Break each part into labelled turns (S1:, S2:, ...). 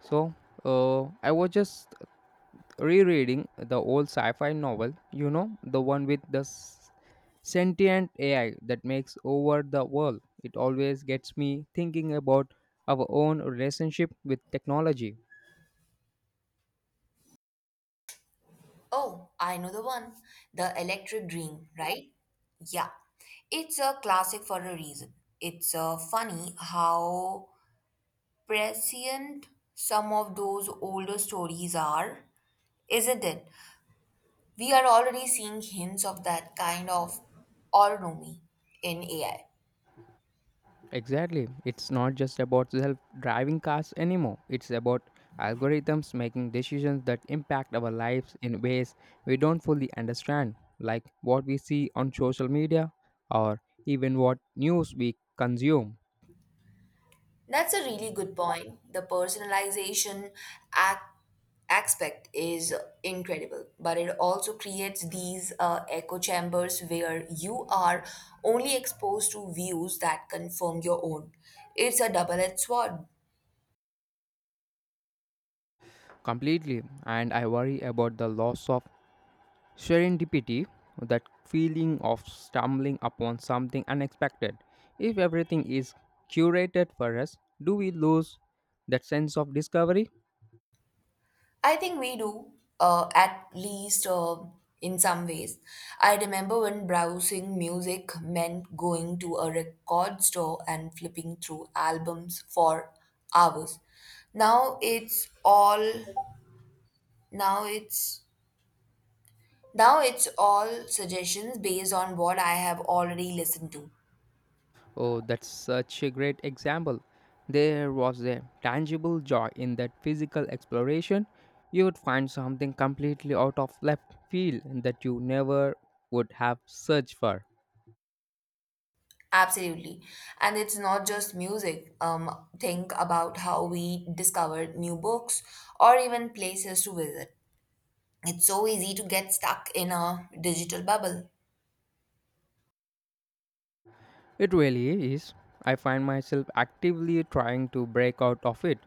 S1: So, I was just rereading the old sci fi novel, the one with the sentient AI that makes over the world. It always gets me thinking about our own relationship with technology.
S2: Oh, I know the one. The Electric Dream, right? Yeah. It's a classic for a reason. It's funny how prescient some of those older stories are, isn't it? We are already seeing hints of that kind of autonomy in AI.
S1: Exactly. It's not just about self driving cars anymore. It's about algorithms making decisions that impact our lives in ways we don't fully understand, like what we see on social media or even what news we consume
S2: That's a really good point. The personalization ac- aspect is incredible, but it also creates these echo chambers where you are only exposed to views that confirm your own. It's a double edged sword.
S1: completely. And I worry about the loss of serendipity, that feeling of stumbling upon something unexpected. If everything is curated for us, do we lose that sense of discovery?
S2: I think we do, at least in some ways. I remember when browsing music meant going to a record store and flipping through albums for hours. Now it's all now it's now it's all suggestions based on what I have already listened to.
S1: Oh, that's such a great example. There was a tangible joy in that physical exploration. You would find something completely out of left field that you never would have searched for.
S2: Absolutely. And it's not just music. Think about how we discover new books or even places to visit. It's so easy to get stuck in a digital bubble.
S1: It really is. I find myself actively trying to break out of it,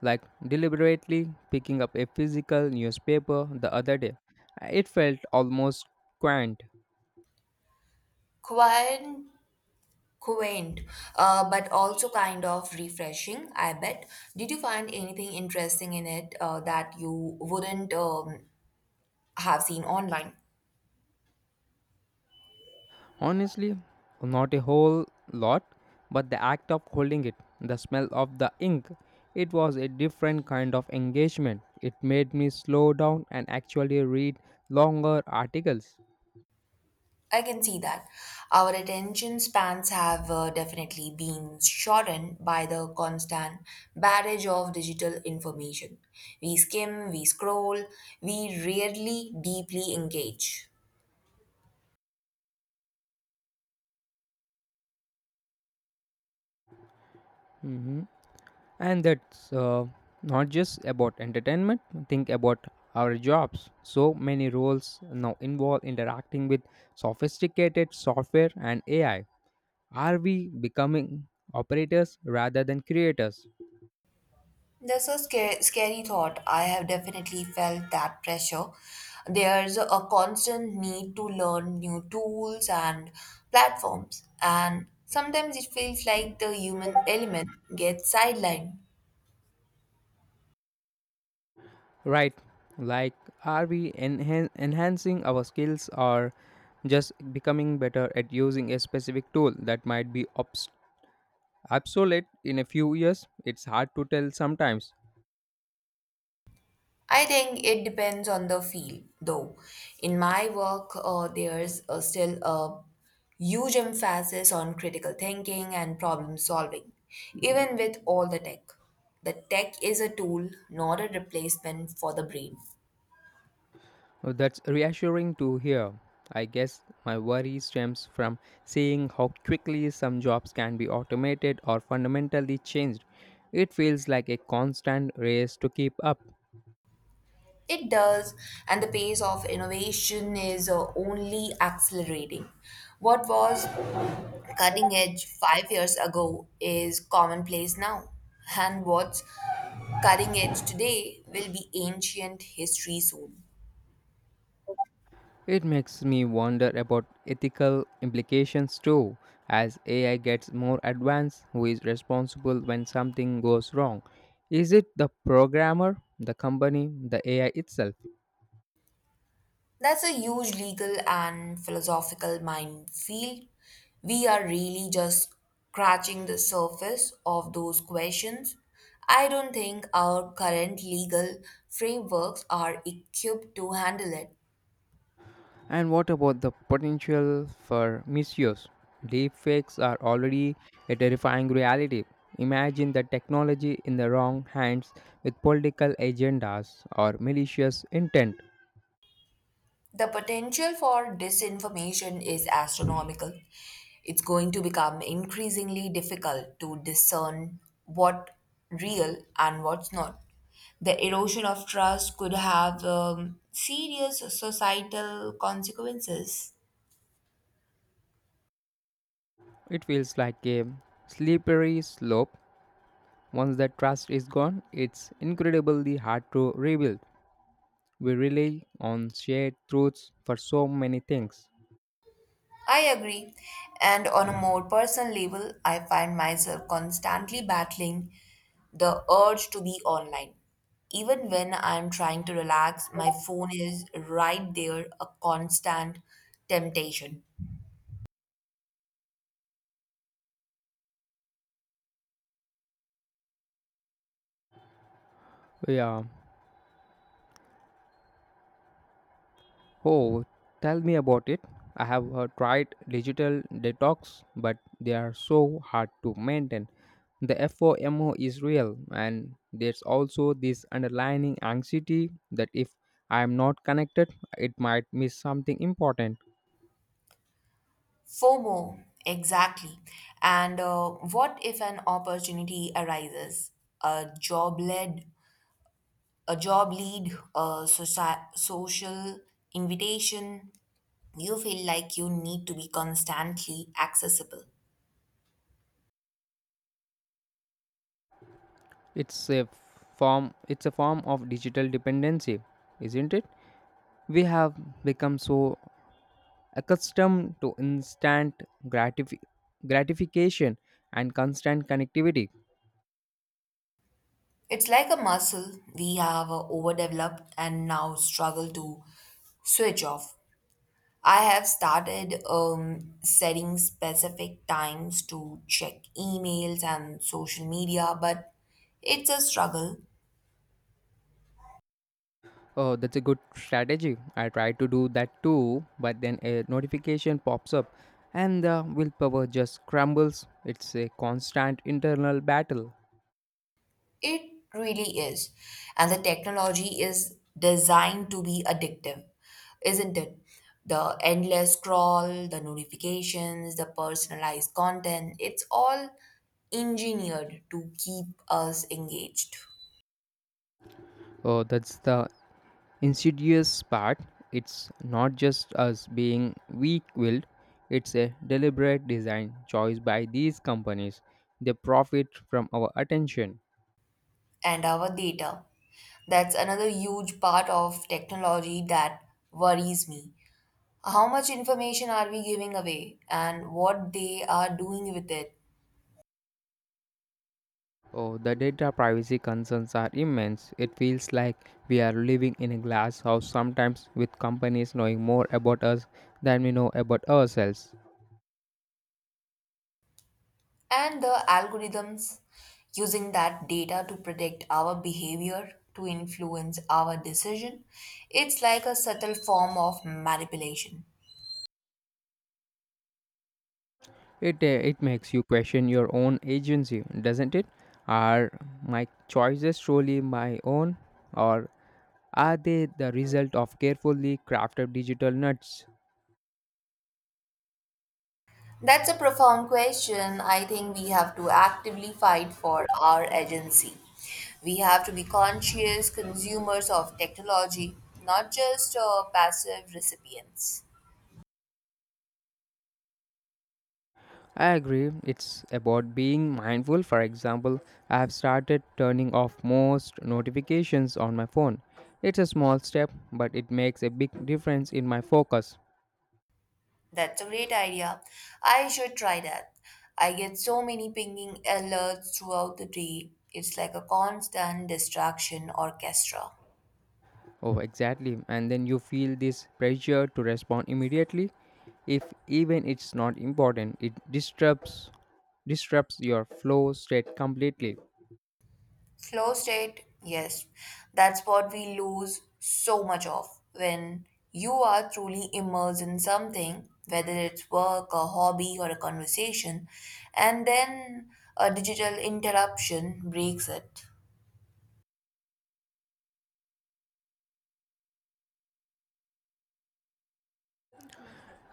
S1: like deliberately picking up a physical newspaper the other day. It felt almost quaint.
S2: Quite quaint, but also kind of refreshing, I bet. Did you find anything interesting in it that you wouldn't have seen online?
S1: Honestly, not a whole lot, but the act of holding it, the smell of the ink, it was a different kind of engagement. It made me slow down and actually read longer articles.
S2: I can see that. Our attention spans have definitely been shortened by the constant barrage of digital information. We skim, we scroll, we rarely deeply engage.
S1: Mhm. And that's not just about entertainment, think about our jobs. So many roles now involve interacting with sophisticated software and AI. Are we becoming operators rather than creators?
S2: That's a scary, scary thought. I have definitely felt that pressure. There's a constant need to learn new tools and platforms, and sometimes it feels like the human element gets sidelined.
S1: Right, like are we enhancing our skills or just becoming better at using a specific tool that might be obsolete in a few years? It's hard to tell sometimes.
S2: I think it depends on the field, though. In my work, there's still a huge emphasis on critical thinking and problem solving, even with all the tech. The tech is a tool, not a replacement for the brain.
S1: That's reassuring to hear. I guess my worry stems from seeing how quickly some jobs can be automated or fundamentally changed. It feels like a constant race to keep up.
S2: It does, and the pace of innovation is only accelerating. What was cutting edge 5 years ago is commonplace now, and what's cutting edge today will be ancient history soon.
S1: It makes me wonder about ethical implications too. As AI gets more advanced, who is responsible when something goes wrong? Is it the programmer, the company, the AI itself?
S2: That's a huge legal and philosophical minefield. We are really just scratching the surface of those questions. I don't think our current legal frameworks are equipped to handle it.
S1: And what about the potential for misuse? Deepfakes are already a terrifying reality. Imagine the technology in the wrong hands with political agendas or malicious intent.
S2: The potential for disinformation is astronomical. It's going to become increasingly difficult to discern what real and what's not. The erosion of trust could have serious societal consequences.
S1: It feels like a slippery slope. Once that trust is gone, it's incredibly hard to rebuild. We rely on shared truths for so many things.
S2: I agree. And on a more personal level, I find myself constantly battling the urge to be online. Even when I'm trying to relax, my phone is right there, a constant temptation.
S1: Yeah. Oh, tell me about it. I have tried digital detox, but they are so hard to maintain. The FOMO is real, and there's also this underlying anxiety that if I am not connected, it might miss something important.
S2: FOMO, exactly. And what if an opportunity arises? A job led, a job lead, a social invitation, you feel like you need to be constantly accessible.
S1: It's a It's a form of digital dependency, isn't it? We have become so accustomed to instant gratification and constant connectivity.
S2: It's like a muscle we have overdeveloped and now struggle to switch off. I have started setting specific times to check emails and social media, but it's a struggle.
S1: Oh, that's a good strategy. I try to do that too, but then a notification pops up and the willpower just crumbles. It's a constant internal battle.
S2: It really is. And the technology is designed to be addictive, isn't it? The endless scroll, the notifications, the personalized content, it's all engineered to keep us engaged.
S1: Oh, that's the insidious part. It's not just us being weak-willed. It's a deliberate design choice by these companies. They profit from our attention.
S2: And our data. That's another huge part of technology that worries me. How much information are we giving away and what they are doing with it?
S1: Oh, the data privacy concerns are immense. It feels like we are living in a glass house sometimes, with companies knowing more about us than we know about ourselves.
S2: And the algorithms using that data to predict our behavior, to influence our decision, it's like a subtle form of manipulation.
S1: It makes you question your own agency, doesn't it? Are my choices truly my own, or are they the result of carefully crafted digital nuts?
S2: That's a profound question. I think we have to actively fight for our agency. We have to be conscious consumers of technology, not just passive recipients.
S1: I agree, it's about being mindful. For example, I have started turning off most notifications on my phone. It's a small step, but it makes a big difference in my focus.
S2: That's a great idea. I should try that. I get so many pinging alerts throughout the day. It's like a constant distraction orchestra.
S1: Oh, exactly. And then you feel this pressure to respond immediately. If even it's not important, it disrupts your flow state completely.
S2: Flow state, yes, that's what we lose so much of when you are truly immersed in something, whether it's work, a hobby, or a conversation, and then a digital interruption breaks it.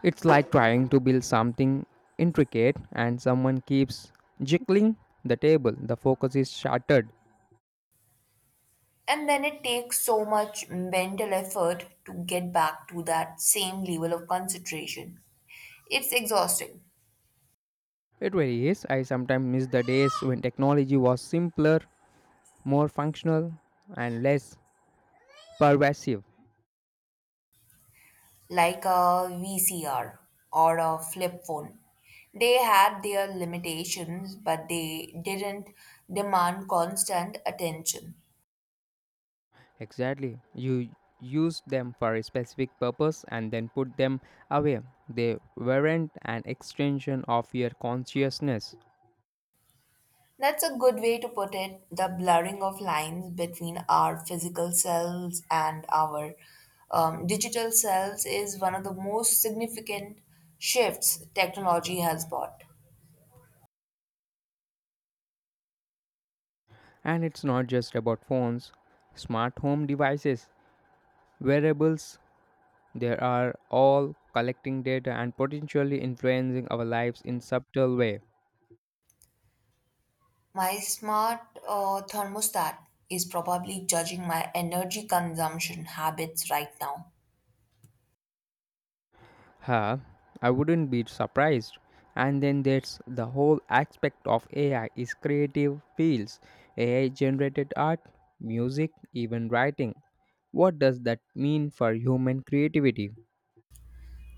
S1: It's like trying to build something intricate and someone keeps jiggling the table. The focus is shattered.
S2: And then it takes so much mental effort to get back to that same level of concentration. It's exhausting,
S1: It really is. I sometimes miss the days when technology was simpler, more functional, and less pervasive.
S2: like a VCR or a flip phone. They had their limitations, but they didn't demand constant attention.
S1: Exactly. You used them for a specific purpose and then put them away. They weren't an extension of your consciousness.
S2: That's a good way to put it. The blurring of lines between our physical selves and our digital selves is one of the most significant shifts technology has brought.
S1: And it's not just about phones, smart home devices, wearables, they are all collecting data and potentially influencing our lives in subtle way.
S2: My smart thermostat is probably judging my energy consumption habits right now.
S1: Huh? I wouldn't be surprised. And then there's the whole aspect of AI is creative fields. AI generated art, music, even writing. What does that mean for human creativity?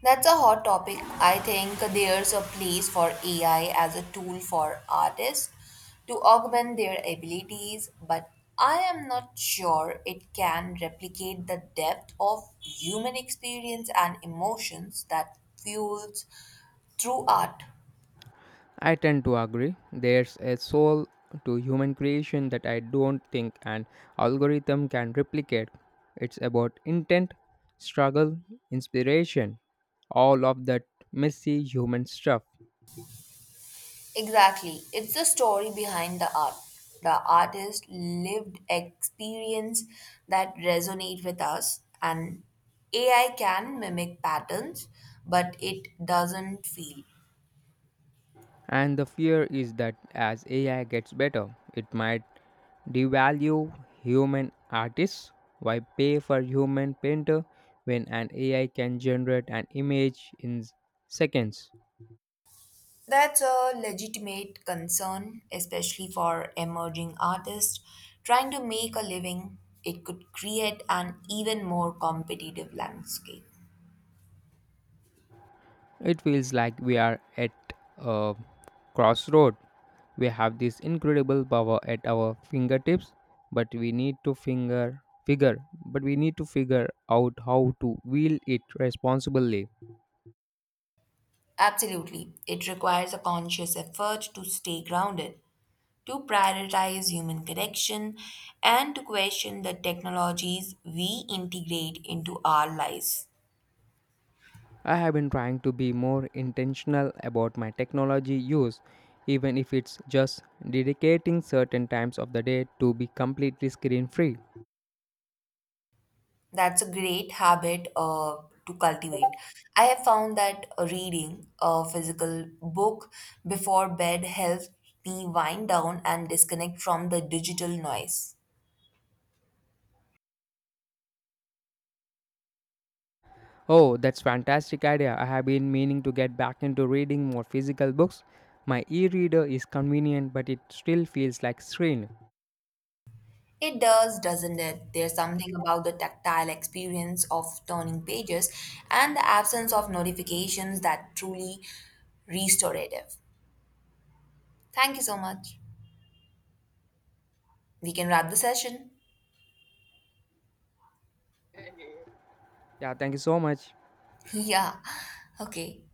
S2: That's a hot topic. I think there's a place for AI as a tool for artists to augment their abilities, but I am not sure it can replicate the depth of human experience and emotions that fuels through art.
S1: I tend to agree. There's a soul to human creation that I don't think an algorithm can replicate. It's about intent, struggle, inspiration, all of that messy human stuff.
S2: Exactly. It's the story behind the art. The artist's lived experience that resonate with us, and AI can mimic patterns, but it doesn't feel.
S1: And the fear is that as AI gets better, it might devalue human artists. Why pay for human painter when an AI can generate an image in seconds?
S2: That's a legitimate concern, especially for emerging artists trying to make a living. It could create an even more competitive landscape.
S1: It feels like we are at a crossroad. We have this incredible power at our fingertips, but we need to finger figure but we need to figure out how to wield it responsibly.
S2: Absolutely. It requires a conscious effort to stay grounded, to prioritize human connection, and to question the technologies we integrate into our lives.
S1: I have been trying to be more intentional about my technology use, even if it's just dedicating certain times of the day to be completely screen free.
S2: That's a great habit to cultivate. I have found that reading a physical book before bed helps me wind down and disconnect from the digital noise.
S1: Oh, that's fantastic idea. I have been meaning to get back into reading more physical books. My e-reader is convenient, but it still feels like screen.
S2: It does, doesn't it? There's something about the tactile experience of turning pages and the absence of notifications that truly restorative. Thank you so much. We can wrap the session.
S1: Yeah, thank you so much.
S2: Yeah. Okay.